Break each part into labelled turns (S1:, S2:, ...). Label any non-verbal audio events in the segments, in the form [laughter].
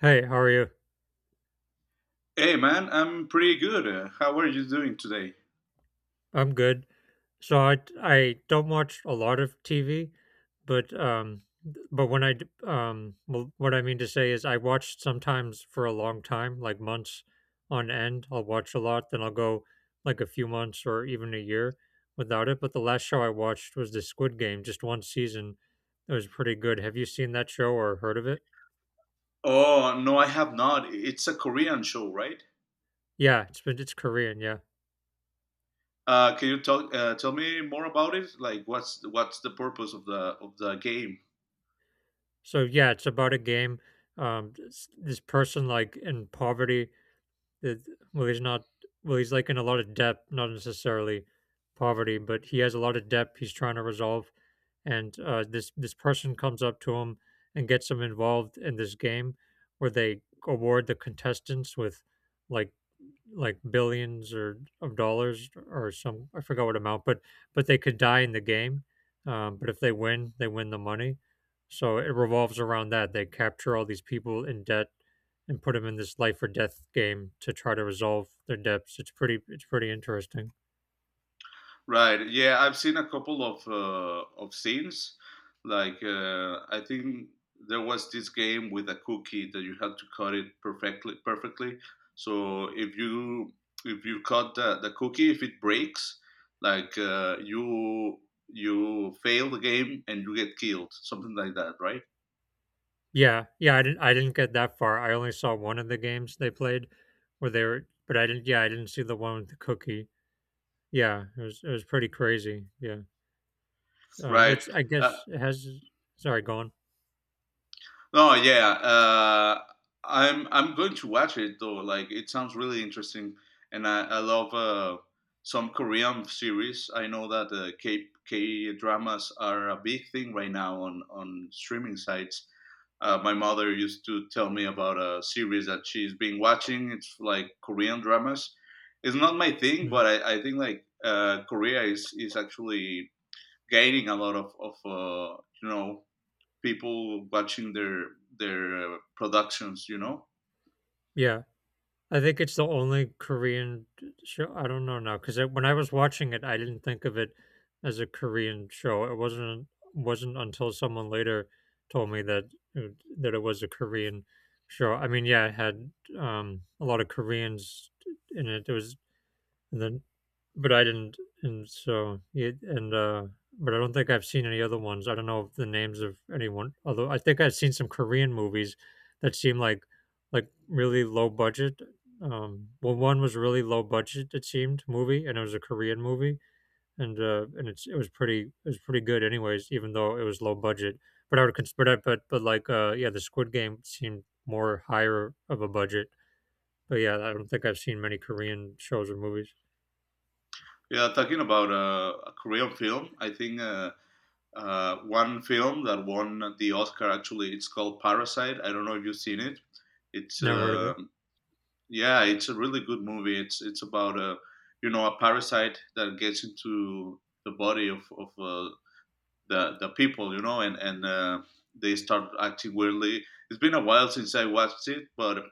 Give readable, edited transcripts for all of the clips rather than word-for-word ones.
S1: Hey, how are you?
S2: Hey man, I'm pretty good. How are you doing today?
S1: I'm good. So I don't watch a lot of TV, but but when I d- well, what I mean to say is I watch sometimes for a long time, like months on end. I'll watch a lot, then I'll go like a few months or even a year without it. But the last show I watched was the Squid Game, just one season. It was pretty good. Have you seen that show or heard of it?
S2: Oh, no, I have not. It's a Korean show, right?
S1: Yeah, it's Korean, yeah.
S2: Can you tell me more about it? Like, what's the purpose of the game?
S1: So yeah, it's about a game. This person like in poverty that well he's not well he's like in a lot of debt, not necessarily poverty, but he has a lot of debt he's trying to resolve. And this person comes up to him and gets him involved in this game where they award the contestants with like like billions or of dollars or some, I forgot what amount, but they could die in the game. But if they win, they win the money. So it revolves around that. They capture all these people in debt and put them in this life or death game to try to resolve their debts. It's pretty interesting.
S2: Right. Yeah, I've seen a couple of scenes. I think there was this game with a cookie that you had to cut it perfectly. Perfectly. So if you cut the cookie, if it breaks, you you fail the game and you get killed, something like that. Right.
S1: Yeah, yeah, I didn't get that far. I only saw one of the games they played where they were, but I didn't, yeah, I didn't see the one with the cookie. Yeah, it was pretty crazy. Yeah.
S2: Right.
S1: It's, I
S2: Uh,
S1: guess it has— sorry, go on.
S2: Oh yeah, uh, I'm going to watch it though. Like it sounds really interesting, and I love some Korean series. I know that K dramas are a big thing right now on streaming sites. My mother used to tell me about a series that she's been watching. It's like Korean dramas. It's not my thing,
S1: Mm,
S2: but I think Korea is actually gaining a lot of you know people watching their productions. You know,
S1: yeah. I think it's the only Korean d show, I don't know now, because when I was watching it, I didn't think of it as a Korean show. It wasn't until someone later told me that it was a Korean show. I mean, yeah, it had, a lot of Koreans in it. There was— and then, but I didn't, and so it, and but I don't think I've seen any other ones. I don't know the names of anyone. Although I think I've seen some Korean movies that seem like really low budget. Well, one was really low budget, it seemed, movie, and it was a Korean movie, and it was pretty good, anyways. Even though it was low budget, but I would cons- but I, but like yeah, the Squid Game seemed more higher of a budget. But yeah, I don't think I've seen many Korean shows or movies.
S2: yeah. Talking about a Korean film, I think one film that won the Oscar, actually it's called Parasite. I don't know if you've seen it. It's
S1: Never heard of it.
S2: Yeah, it's a really good movie. It's about a you know a parasite that gets into the body of the people, you know, and they start acting weirdly. It's been a while since I watched it, but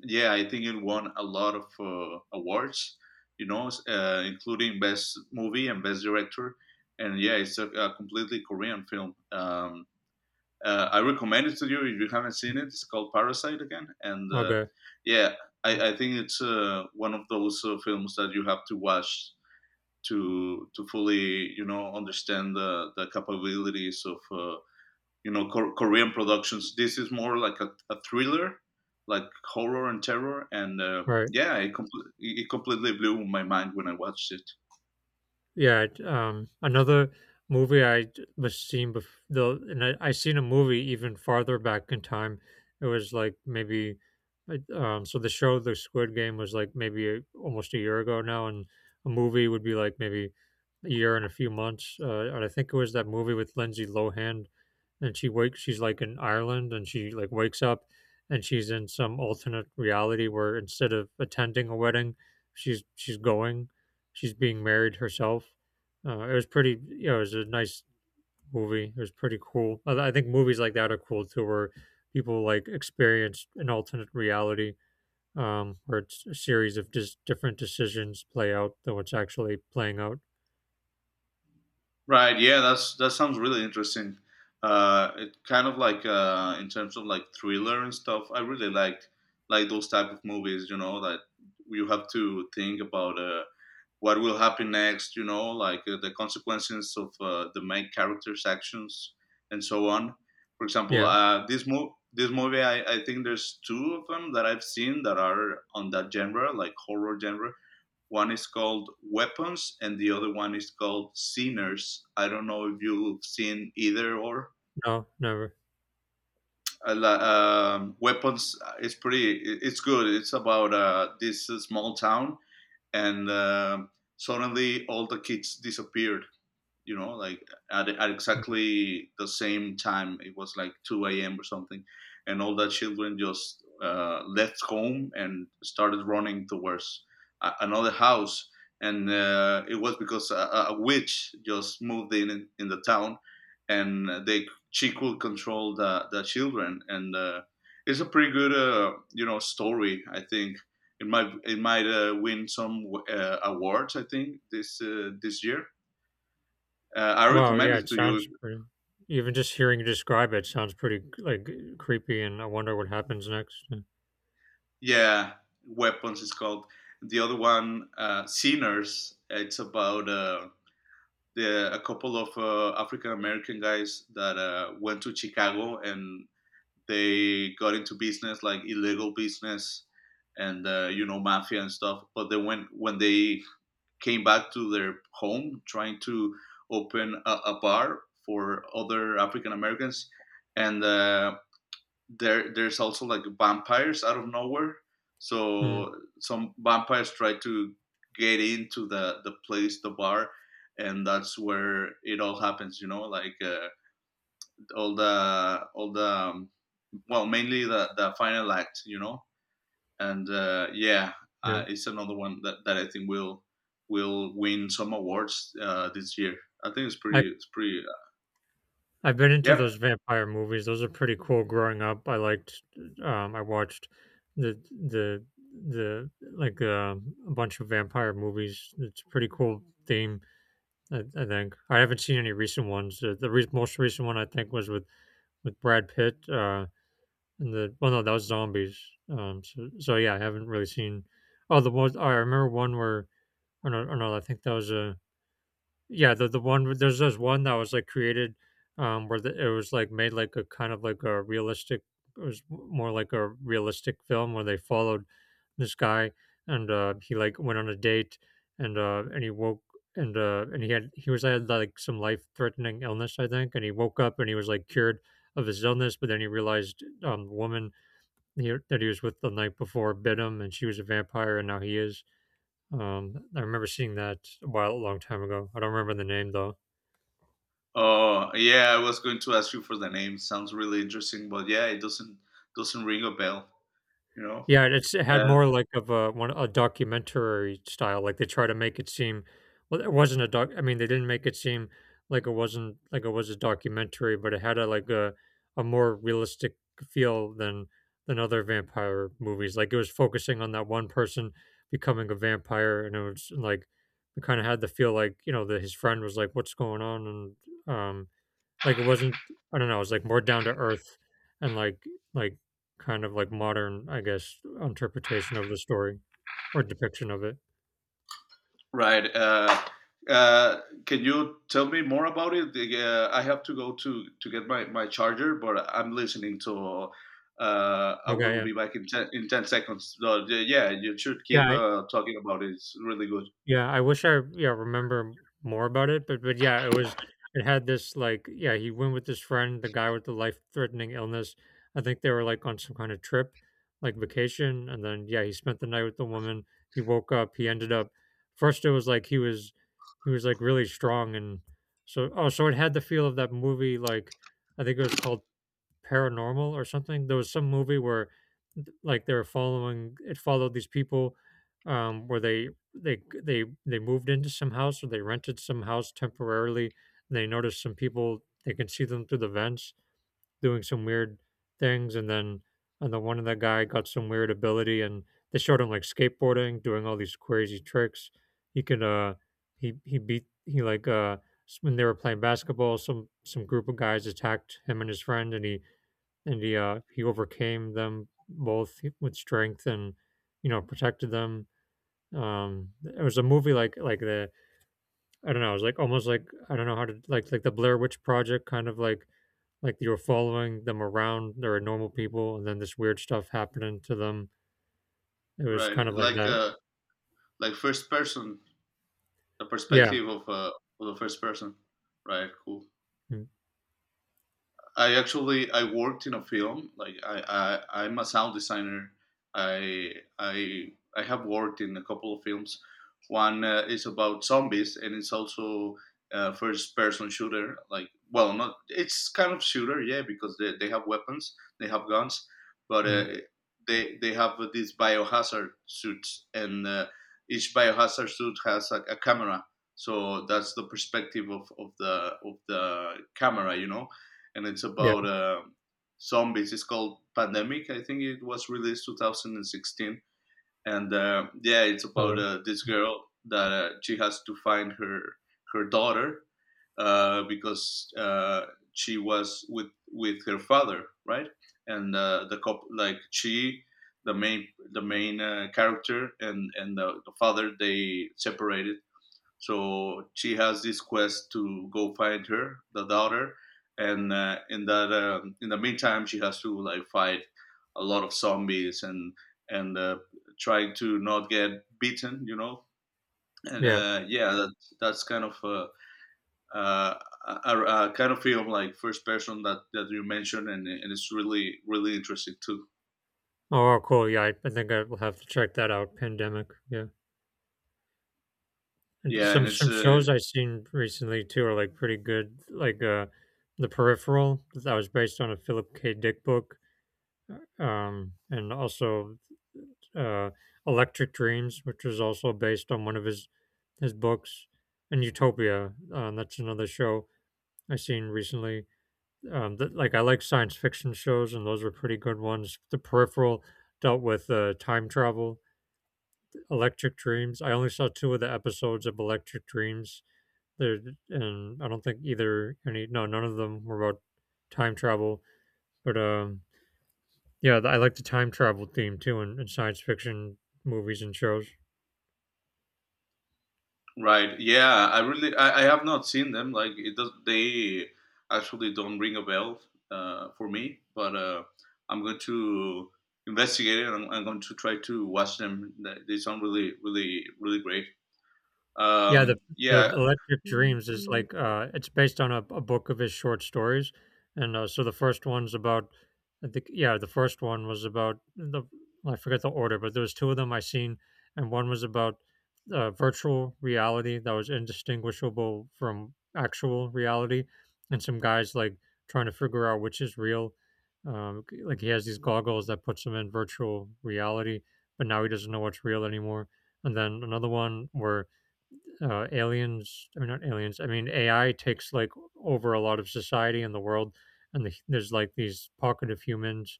S2: yeah, I think it won a lot of awards, you know, including best movie and best director. And yeah, it's a completely Korean film. I recommend it to you if you haven't seen it. It's called Parasite again, and
S1: Okay,
S2: yeah, I think it's one of those films that you have to watch to fully you know understand the capabilities of you know Korean productions. This is more like a thriller, like horror and terror, and
S1: right.
S2: yeah, it completely blew my mind when I watched it.
S1: Yeah, another movie I d- was seen before though, and I seen a movie even farther back in time. It was like maybe like, so the show The Squid Game was like maybe a, almost a year ago now, and a movie would be like maybe a year and a few months. And I think it was that movie with Lindsay Lohan, and she wakes— she's like in Ireland and she like wakes up and she's in some alternate reality where, instead of attending a wedding, she's going— she's being married herself. It was pretty, you know, it was a nice movie. It was pretty cool. I think movies like that are cool too, where people like experience an alternate reality, where it's a series of just different decisions play out than what's actually playing out.
S2: Right? Yeah, that's that sounds really interesting. It kind of like in terms of like thriller and stuff. I really liked like those type of movies, you know, that you have to think about. What will happen next, you know, the consequences of the main character's actions and so on. For example,
S1: Yeah,
S2: this movie. This movie, I think there's two of them that I've seen that are on that genre, like horror genre. One is called Weapons, and the other one is called Sinners. I don't know if you've seen either or.
S1: no, never.
S2: I Weapons is pretty. It's good. It's about this small town, and suddenly all the kids disappeared you know, like at
S1: Mm.
S2: exactly the same time. It was like 2 a.m. or something. And all the children just left home and started running towards another house. And it was because a witch just moved in the town and they she could control the children. And it's a pretty good, you know, story, I think. It might win some awards, I think, this this year I
S1: Wow,
S2: recommend
S1: yeah,
S2: it
S1: it
S2: to you.
S1: sounds pretty. Even just hearing you describe it sounds pretty like creepy, and I wonder what happens next.
S2: Yeah, Weapons is called. The other one, Sinners. It's about a couple of African American guys that went to Chicago and they got into business, like illegal business, and you know mafia and stuff. But then when they came back to their home, trying to open a bar for other African Americans, and there there's also like vampires out of nowhere.
S1: Mm,
S2: So some vampires try to get into the place, the bar, and that's where it all happens. You know, all the well, mainly the final act. You know, and yeah,
S1: yeah.
S2: it's another one that I think will win some awards this year. I think it's pretty
S1: I've been into
S2: yeah
S1: those vampire movies, those are pretty cool growing up. I liked, I watched the the like, a bunch of vampire movies. It's a pretty cool theme, I think. I haven't seen any recent ones. Uh, the re most recent one I think was with Brad Pitt, and the— well, no, that was Zombies, so so yeah, I haven't really seen— oh, the most— I remember one where— oh, no, oh, no, I think that was a— yeah, the one with— there's this one that was like created, where the, it was like made like a kind of like a realistic. It was more like a realistic film where they followed this guy, and he like went on a date, and he woke— and he had— he was had like some life threatening illness, I think, and he woke up and he was like cured of his illness, but then he realized the woman that he was with the night before bit him, and she was a vampire, and now he is. I remember seeing that a while, a long time ago. I don't remember the name though.
S2: Oh yeah, I was going to ask you for the name. Sounds really interesting, but yeah, it doesn't ring a bell. You know.
S1: Yeah, it had
S2: Uh,
S1: more like of a one— a documentary style, like they try to make it seem— well, it wasn't a doc— I mean, they didn't make it seem like it wasn't like it was a documentary, but it had a— like a more realistic feel than other vampire movies. Like it was focusing on that one person becoming a vampire, and it was like it kind of had the feel like, you know, that his friend was like, "What's going on?" And like it wasn't— I don't know, it was like more down to earth and like like kind of like modern, I guess, interpretation of the story or depiction of it.
S2: right. Can you tell me more about it? I have to go to get my my charger, but I'm listening to. I
S1: Okay,
S2: will
S1: yeah.
S2: be back in 10 seconds. So, yeah, you should
S1: Yeah,
S2: keep
S1: I—
S2: talking about it. It's really good.
S1: yeah, I wish I, yeah, remember more about it, but yeah, it was— it had this like, yeah, he went with his friend, the guy with the life-threatening illness. I think they were like on some kind of trip, like vacation, and then yeah, he spent the night with the woman. He woke up, he ended up— first it was like he was like really strong, and so— oh, so it had the feel of that movie like— I think it was called paranormal or something. There was some movie where like they were following— it followed these people, where they moved into some house, or they rented some house temporarily, and they noticed some people— they can see them through the vents doing some weird things, and then and the one of the guy got some weird ability, and they showed him like skateboarding doing all these crazy tricks. He could he beat— he like when they were playing basketball, some group of guys attacked him and his friend, and he overcame them both with strength and, you know, protected them. It was a movie like the— I don't know. It was like almost like— I don't know how to— like the Blair Witch Project kind of like you were following them around. They were normal people, and then this weird stuff happening to them. It was
S2: Right.
S1: kind of like that.
S2: Like first person, the
S1: Yeah.
S2: perspective of the first person. Right. Cool. I actually I worked in a film. I I'm a sound designer. I have worked in a couple of films. One is about zombies, and it's also first-person shooter. Like, well, not it's kind of shooter, yeah, because they have weapons, they have guns, but
S1: Mm-hmm.
S2: uh, they have these biohazard suits, and each biohazard suit has a camera. So that's the perspective of the camera, you know and it's
S1: Yeah.
S2: about zombies. It's called Pandemic. I think it was released 2016, and yeah, it's
S1: All
S2: about
S1: right.
S2: this girl that she has to find her her daughter because she was with her father, right? And the cop like she The main character and and the father they separated so she has this quest to go find her, the daughter, and in the meantime, she has to like fight a lot of zombies and and trying to not get beaten, you know. And
S1: Yeah.
S2: uh, yeah, that, that's kind of uh, a kind of film like first person that, that you mentioned, and it's really really interesting too.
S1: Oh, oh, cool. Yeah, I think I will have to check that out. Pandemic. Yeah. And
S2: Yeah, and it's
S1: some shows I've seen recently too are like pretty good, like The Peripheral, that was based on a Philip K. Dick book, and also uh, Electric Dreams, which was also based on one of his books, and Utopia. That's another show I seen recently. That— like I like science fiction shows, and those were pretty good ones. The Peripheral dealt with time travel. Electric Dreams— I only saw two of the episodes of Electric Dreams. There And I don't think either— any— no, none of them were about time travel. But yeah, I like the time travel theme too in science fiction movies and shows.
S2: Right. Yeah, I really I have not seen them. Like it does they actually don't ring a bell for me, but I'm going to investigate it. I'm going to try to watch them. They sound really really really great.
S1: Yeah,
S2: Um,
S1: the
S2: yeah,
S1: Electric
S2: yeah,
S1: Dreams is like it's based on a book of his short stories. And so the first one's about— I think yeah, the first one was about the— I forget the order, but there was two of them I seen, and one was about virtual reality that was indistinguishable from actual reality, and some guys like trying to figure out which is real. Like he has these goggles that puts him in virtual reality, but now he doesn't know what's real anymore. And then another one where aliens I mean not aliens I mean AI takes like over a lot of society and the world, and the, there's like these pocket of humans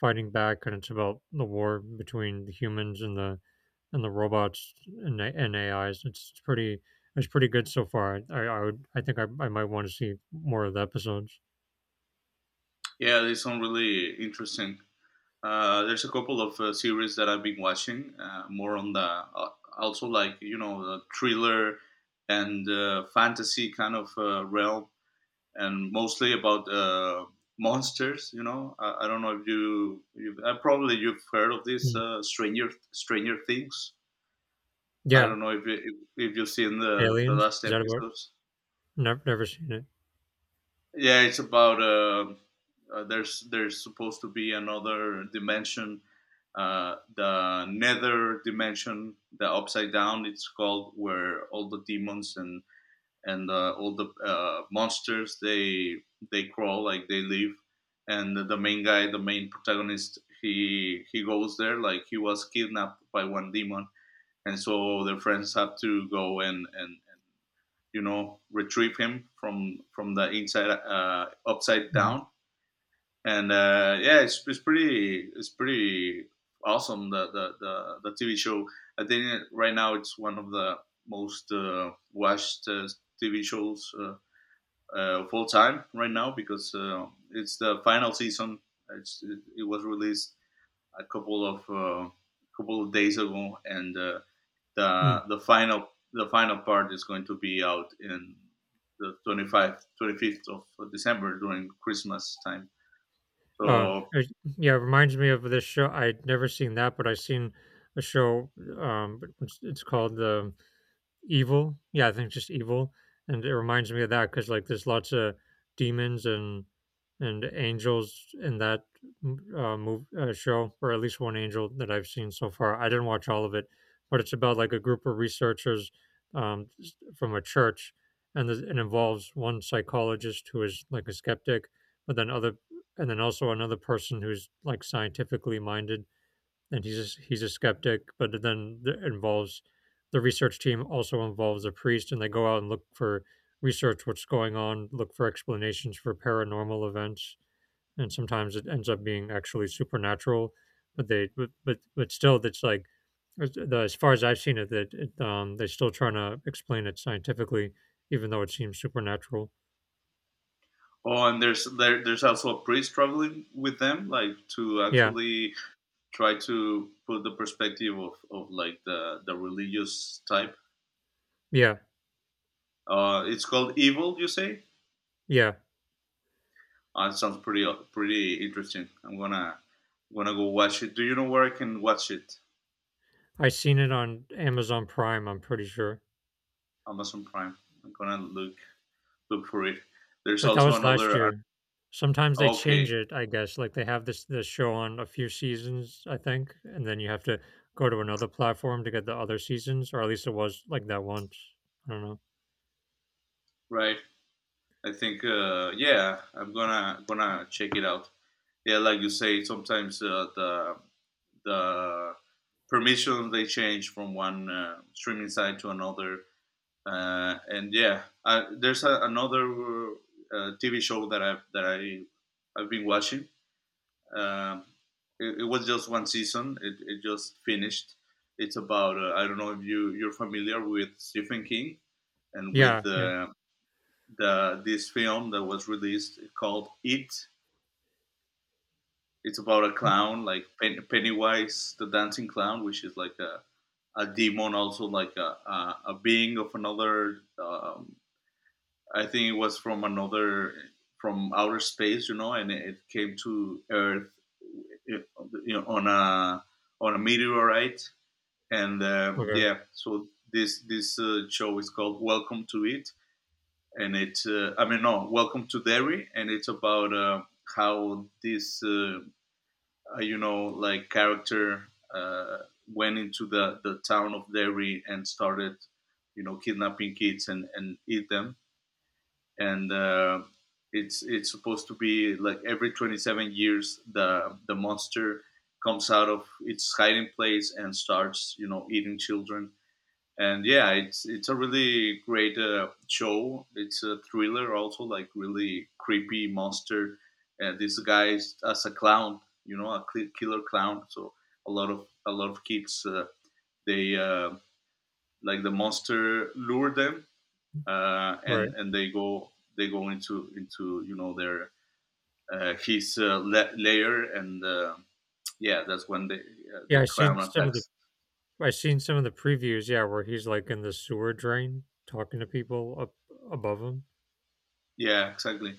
S1: fighting back, and it's about the war between the humans and the robots, and AIs. It's, it's pretty it's pretty good so far. I would— I think I might want to see more of the episodes.
S2: they sound really interesting. There's a couple of series that I've been watching, more on the also like you know the thriller and fantasy kind of realm and mostly about monsters. You know, I don't know if you probably you've heard of this
S1: Mm.
S2: Stranger Things. I
S1: Yeah.
S2: don't know if you've seen the
S1: Aliens—
S2: last
S1: is that about—
S2: episodes.
S1: never, never seen it.
S2: Yeah, it's about there's supposed to be another dimension, the Nether dimension, the upside down. It's called where all the demons and and all the monsters they crawl, like they live and the main protagonist, he goes there, like he was kidnapped by one demon and so their friends have to go and and you know retrieve him from the inside upside
S1: Mm-hmm.
S2: down and yeah it's pretty awesome the the tv show. I think right now it's one of the most watched tv shows full time right now because it's the final season. It was released a couple of days ago, and uh,
S1: hmm
S2: the the final the final part is going to be out in the 25th of December during Christmas time.
S1: Uh,
S2: So
S1: it, yeah, it reminds me of this show. I'd never seen that, but I seen a show. But it's called the evil. Yeah, I think just evil, and it reminds me of that because like there's lots of demons and angels in that move show, or at least one angel that I've seen so far. I didn't watch all of it, but it's about like a group of researchers um, from a church, and this, it involves one psychologist who is like a skeptic, but then other, and then also another person who's like scientifically minded and he's a skeptic. But then it involves the research team, also involves a priest, and they go out and look for research what's going on, look for explanations for paranormal events, and sometimes it ends up being actually supernatural. But they but still, that's like as far as I've seen it, they're still trying to explain it scientifically, even though it seems supernatural.
S2: oh, and there's also a priest struggling with them, like to
S1: Yeah,
S2: actually try to put the perspective of like the religious type.
S1: yeah,
S2: It's called Evil, you say?
S1: yeah.
S2: Oh, that sounds pretty pretty interesting. I'm gonna gonna go watch it. Do you know where I can watch it?
S1: I seen it on Amazon Prime. I'm pretty sure.
S2: Amazon Prime. I'm gonna look for it. There's
S1: But that
S2: also
S1: was last
S2: another.
S1: year. Sometimes they change
S2: Okay,
S1: it, I guess. Like they have this show on a few seasons, I think, and then you have to go to another platform to get the other seasons, or at least it was like that once. I don't know.
S2: right. I think yeah, I'm gonna gonna check it out. Yeah, like you say, sometimes the permissions they change from one streaming site to another. And yeah, there's another TV show that I've been watching. Um it it was just one season. It just finished. It's about I don't know if you you're familiar with Stephen King and with
S1: Yeah, yeah.
S2: the this film that was released called It. It's about a
S1: Mm,
S2: clown like Pennywise, the dancing clown, which is like a demon, also like a being of another I think it was from another from outer space, you know, and it came to Earth, you know, on a meteorite. And um,
S1: okay,
S2: yeah, so this show is called Welcome to It, and it's I mean no, Welcome to Derry, and it's about how this like character uh, went into the town of Derry and started, you know, kidnapping kids and eat them, and it's supposed to be like every 27 years the monster comes out of its hiding place and starts, you know, eating children. And yeah, it's a really great show. It's a thriller, also like really creepy monster, and this guy is as a clown, you know, a killer clown. So a lot of kids they like the monster lure them, uh,
S1: right.
S2: and and they go, they go into, you know, their his layer, and yeah, that's when
S1: Yeah,
S2: the
S1: I seen
S2: clown
S1: some of the
S2: attacks.
S1: I seen some of the previews, yeah, where he's like in the sewer drain talking to people up above him.
S2: Yeah, exactly.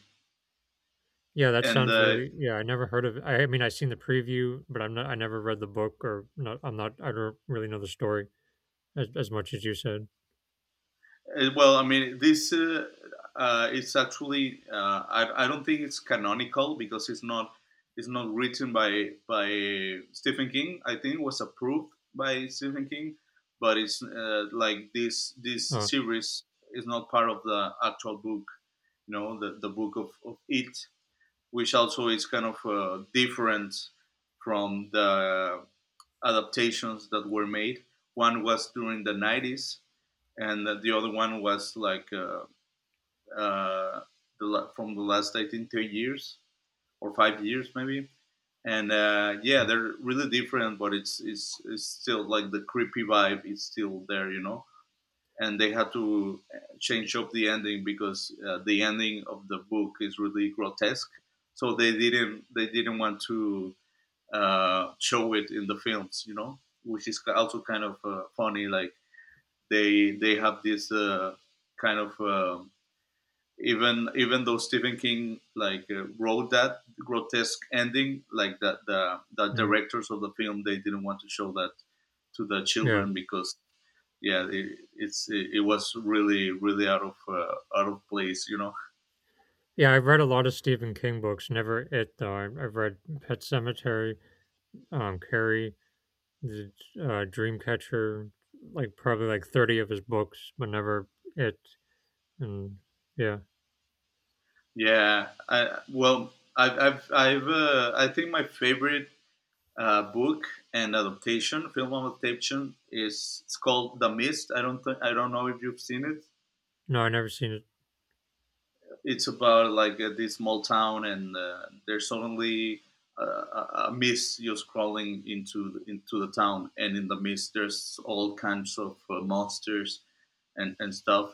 S1: Yeah, that
S2: And
S1: sounds really, yeah, I never heard of. I mean, I seen the preview, but I never read the book or not I don't really know the story as much as you said.
S2: Well, I mean, this it's actually I don't think it's canonical because it's not, it's not written by Stephen King. I think it was approved by Stephen King, but it's like this
S1: Oh,
S2: series is not part of the actual book. You know, the book of it, which also is kind of different from the adaptations that were made. One was during the 90s, and the other one was like uh, the, from the last, I think, 2 years or 5 years maybe. And yeah, they're really different, but it's still like the creepy vibe is still there, you know. And they had to change up the ending because the ending of the book is really grotesque. So they didn't want to show it in the films, you know, which is also kind of funny. Like they have this kind of even though Stephen King like wrote that grotesque ending, like that the
S1: mm,
S2: directors of the film, they didn't want to show that to the
S1: yeah.
S2: children, because yeah, it was really really out of place, you know.
S1: Yeah, I've read a lot of Stephen King books. Never it though. I've read Pet Cemetery, Carrie, the Dreamcatcher, like probably like 30 of his books, but never it. And yeah,
S2: Well, I think my favorite book and adaptation, film adaptation is, it's called The Mist. I don't th- I don't know if you've seen it.
S1: no, I never seen it.
S2: It's about like this small town, and there's suddenly a mist just crawling into the town, and in the mist there's all kinds of monsters and stuff.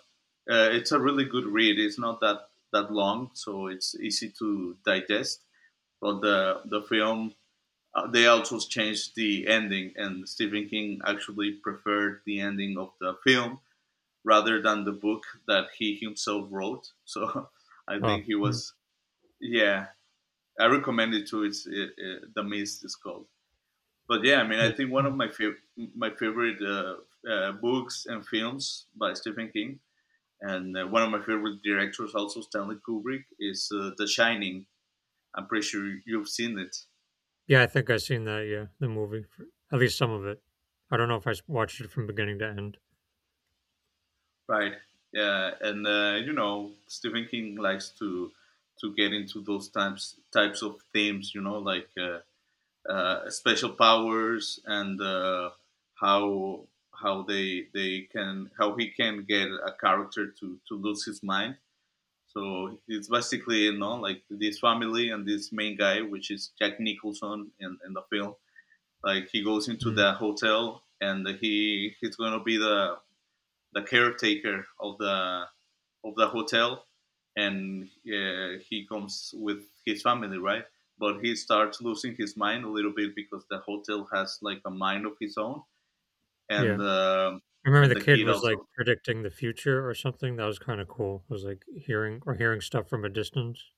S2: It's a really good read. It's not that long, so it's easy to digest. But the film, they also changed the ending, and Stephen King actually preferred the ending of the film rather than the book that he himself wrote. So [laughs] I
S1: Oh,
S2: think he
S1: mm,
S2: was, yeah, I recommend it too. The Mist is called. But yeah, I mean, I
S1: that-
S2: think one of my my favorite books and films by Stephen King, and one of my favorite directors also, Stanley Kubrick, is The Shining. I'm pretty sure you've seen it,
S1: yeah, I think I seen that. Yeah, the movie, at least some of it. I don't know if watched it from beginning to end.
S2: right? Yeah, and you know, Stephen King likes to get into those types of themes, you know, like special powers, and how how they can how he can get a character to lose his mind. So it's basically, you know, like this family and this main guy, which is Jack Nicholson in the film. Like he goes into
S1: Mm,
S2: the hotel and he's gonna be the caretaker of the, of the hotel, and he comes with his family, right? But he starts losing his mind a little bit because the hotel has like a mind of his own,
S1: yeah,
S2: and
S1: I remember
S2: and
S1: the
S2: the
S1: kid
S2: kid
S1: was like
S2: also,
S1: predicting the future or something. That was kind of cool. It was like hearing stuff from a distance.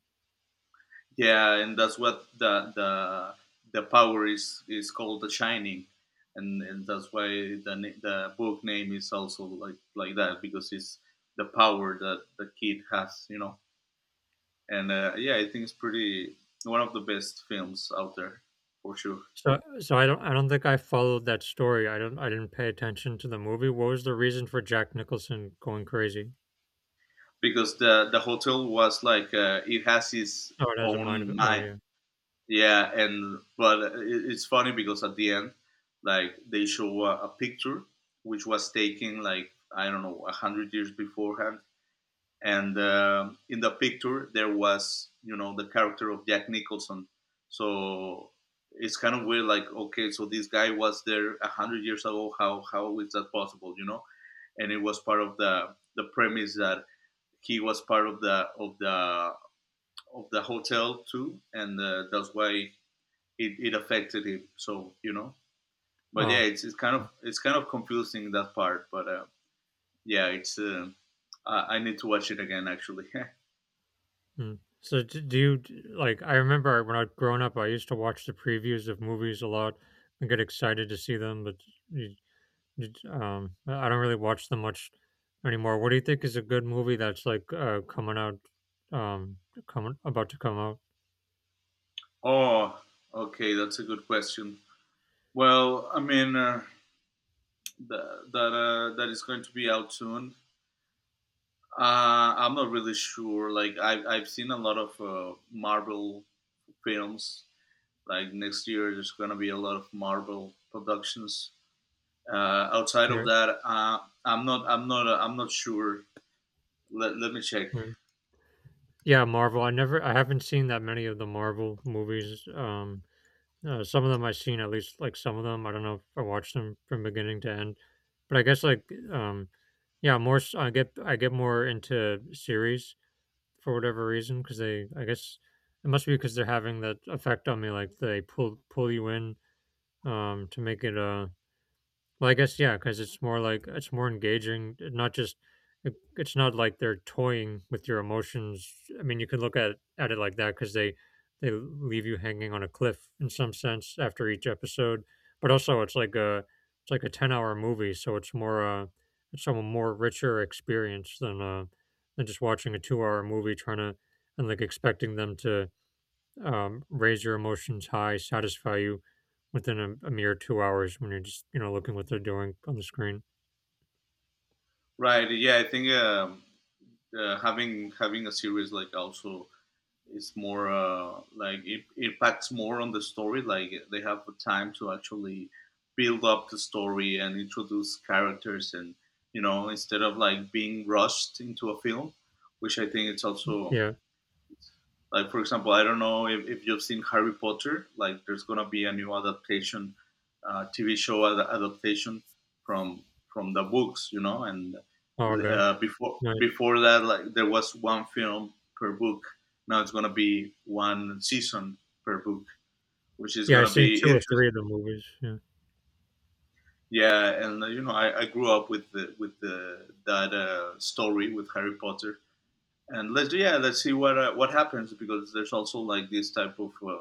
S2: yeah, and that's what the power is called the shining, and that's why the the book name is also like that, because it's the power that the kid has, you know. And yeah, I think it's pretty, one of the best films out there for sure.
S1: So I don't think I followed that story. I didn't pay attention to the movie. What was the reason for Jack Nicholson going crazy?
S2: Because the hotel was like it has its
S1: Oh, it has a mind of
S2: own
S1: it. Oh,
S2: mind.
S1: yeah.
S2: Yeah, and but it's funny because at the end, like they show a picture which was taken like, I don't know, 100 years beforehand, and in the picture there was, you know, the character of Jack Nicholson. So it's kind of weird, like, okay, so this guy was there 100 years ago, how is that possible, you know. And it was part of the premise that he was part of the, of the, of the hotel too, and that's why it affected him. So, you know, but yeah,
S1: Oh,
S2: it's kind of, it's kind of confusing, that part. But yeah, it's , I need to watch it again actually. [laughs]
S1: mm. So do you like? I remember when I was growing up, I used to watch the previews of movies a lot and get excited to see them, but you, you d- I don't really watch them much anymore. What do you think is a good movie that's like coming out, um, coming about to come out?
S2: Oh, okay, that's a good question. Well, I mean the, that that is going to be out soon. I'm not really sure. Like I've seen a lot of Marvel films. Like next year, there's gonna be a lot of Marvel productions. Uh, outside of
S1: Right.
S2: that, I'm not sure. Let, let me check.
S1: Yeah, Marvel. I haven't seen that many of the Marvel movies. Some of them I've seen, at least like some of them. I don't know if I watched them from beginning to end, but I guess like, um, yeah, more. I get more into series for whatever reason because they, I guess, it must be because they're having that effect on me. Like they pull you in, to make it, well, I guess yeah, because it's more like it's more engaging. Not just it's not like they're toying with your emotions. I mean, you could look at it like that because they leave you hanging on a cliff in some sense after each episode. But also, it's like a 10-hour movie, so it's a more richer experience than just watching a 2-hour movie trying to and like expecting them to raise your emotions high, satisfy you within a mere 2 hours when you're just looking what they're doing on the screen.
S2: Right? Yeah, I think having a series like also is more like it impacts more on the story. Like they have the time to actually build up the story and introduce characters, and, you know, instead of like being rushed into a film, which I think it's also,
S1: Yeah,
S2: like for example, I don't know if you've seen Harry Potter. Like there's gonna be a new adaptation, TV show adaptation from from the books, you know. And
S1: Olga,
S2: uh, before
S1: nice.
S2: before that, like there was one film per book. Now it's gonna be one season per book, which is
S1: Yeah, I've
S2: gonna
S1: seen
S2: be
S1: two or three
S2: interesting.
S1: of the movies. Yeah,
S2: Yeah, and you know, I grew up with the, that story with Harry Potter, and let's, yeah, let's see what happens, because there's also like this type of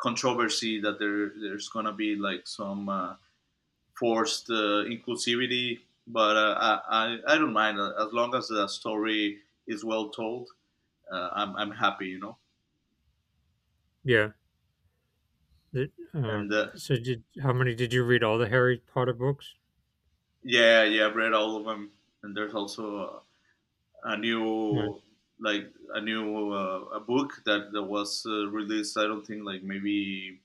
S2: controversy that there's gonna be like some forced inclusivity, but I don't mind, as long as the story is well told, I'm happy, you know.
S1: yeah. The- uh,
S2: And
S1: so did how many did you read? All the Harry Potter books?
S2: yeah, yeah, I've read all of them. And there's also a
S1: Right.
S2: new, like a new a book that, that was released. I don't think like maybe,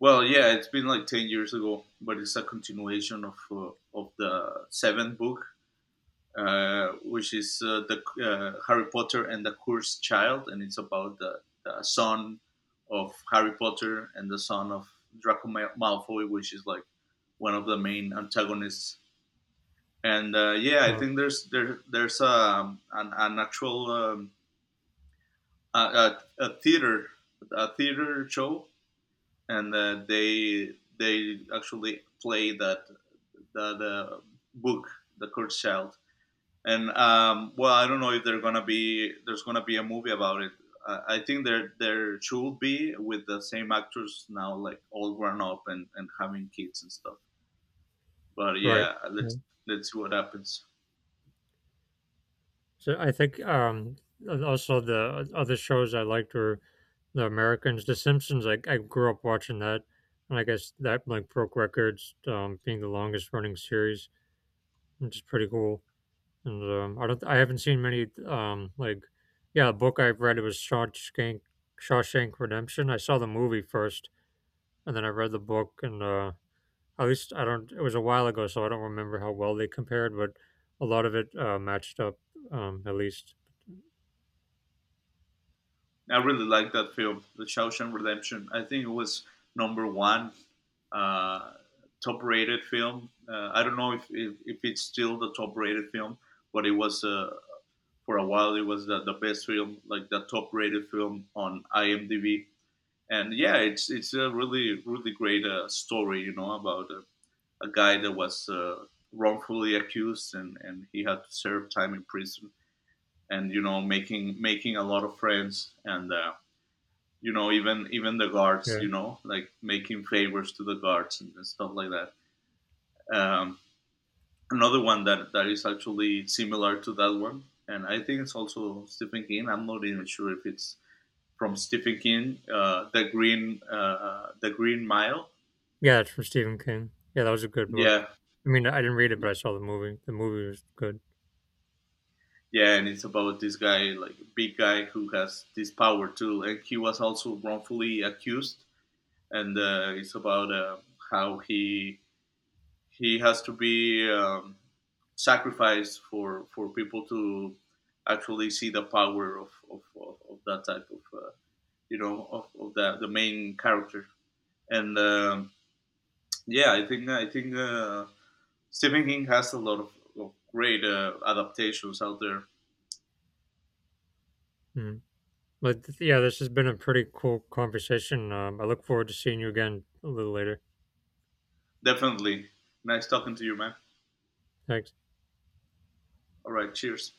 S2: well, yeah, it's been like 10 years ago, but it's a continuation of the seventh book, which is the Harry Potter and the Cursed Child, and it's about the son of Harry Potter and the son of Draco Malfoy, which is like one of the main antagonists. And yeah, I
S1: Oh,
S2: think there's an actual a theater, a theater show, and they actually play that, the book, The Cursed Child. And well, I don't know if they gonna be, there's gonna be a movie about it. I think there should be with the same actors now, like all grown up and having kids and stuff. But
S1: right.
S2: yeah,
S1: Yeah.
S2: let's see what happens.
S1: So I think also the other shows I liked were the Americans, The Simpsons. I grew up watching that, and I guess that like broke records, being the longest running series, which is pretty cool. And I haven't seen many like, yeah, the book I've read it was Shawshank Redemption. I saw the movie first, and then I read the book, and at least I don't. It was a while ago, so I don't remember how well they compared, but a lot of it matched up, at least.
S2: I really like that film, The Shawshank Redemption. I think it was number one uh, top rated film. I don't know if it's still the top rated film, but it was a, for a while it was the best film, like the top rated film on IMDb. And yeah, it's a really really great story, you know, about a guy that was wrongfully accused, and he had to serve time in prison, and, you know, making a lot of friends, and you know, even the guards,
S1: Yeah,
S2: you know, like making favors to the guards and stuff like that. Um, another one that that is actually similar to that one, and I think it's also Stephen King, I'm not even sure if it's from Stephen King, the Green the Green Mile.
S1: yeah, it's from Stephen King. Yeah, that was a good book.
S2: Yeah,
S1: I mean, I didn't read it, but I saw the movie. The movie was good.
S2: yeah, and it's about this guy, like big guy, who has this power too, and he was also wrongfully accused, and it's about how he has to be sacrificed for people to actually see the power of that type of you know, of the main character, and yeah, I think I think. Stephen King has a lot of great adaptations out there.
S1: Mm. But yeah, this has been a pretty cool conversation. I look forward to seeing you again a little later.
S2: Definitely. Nice talking to you, man.
S1: Thanks.
S2: All right, cheers.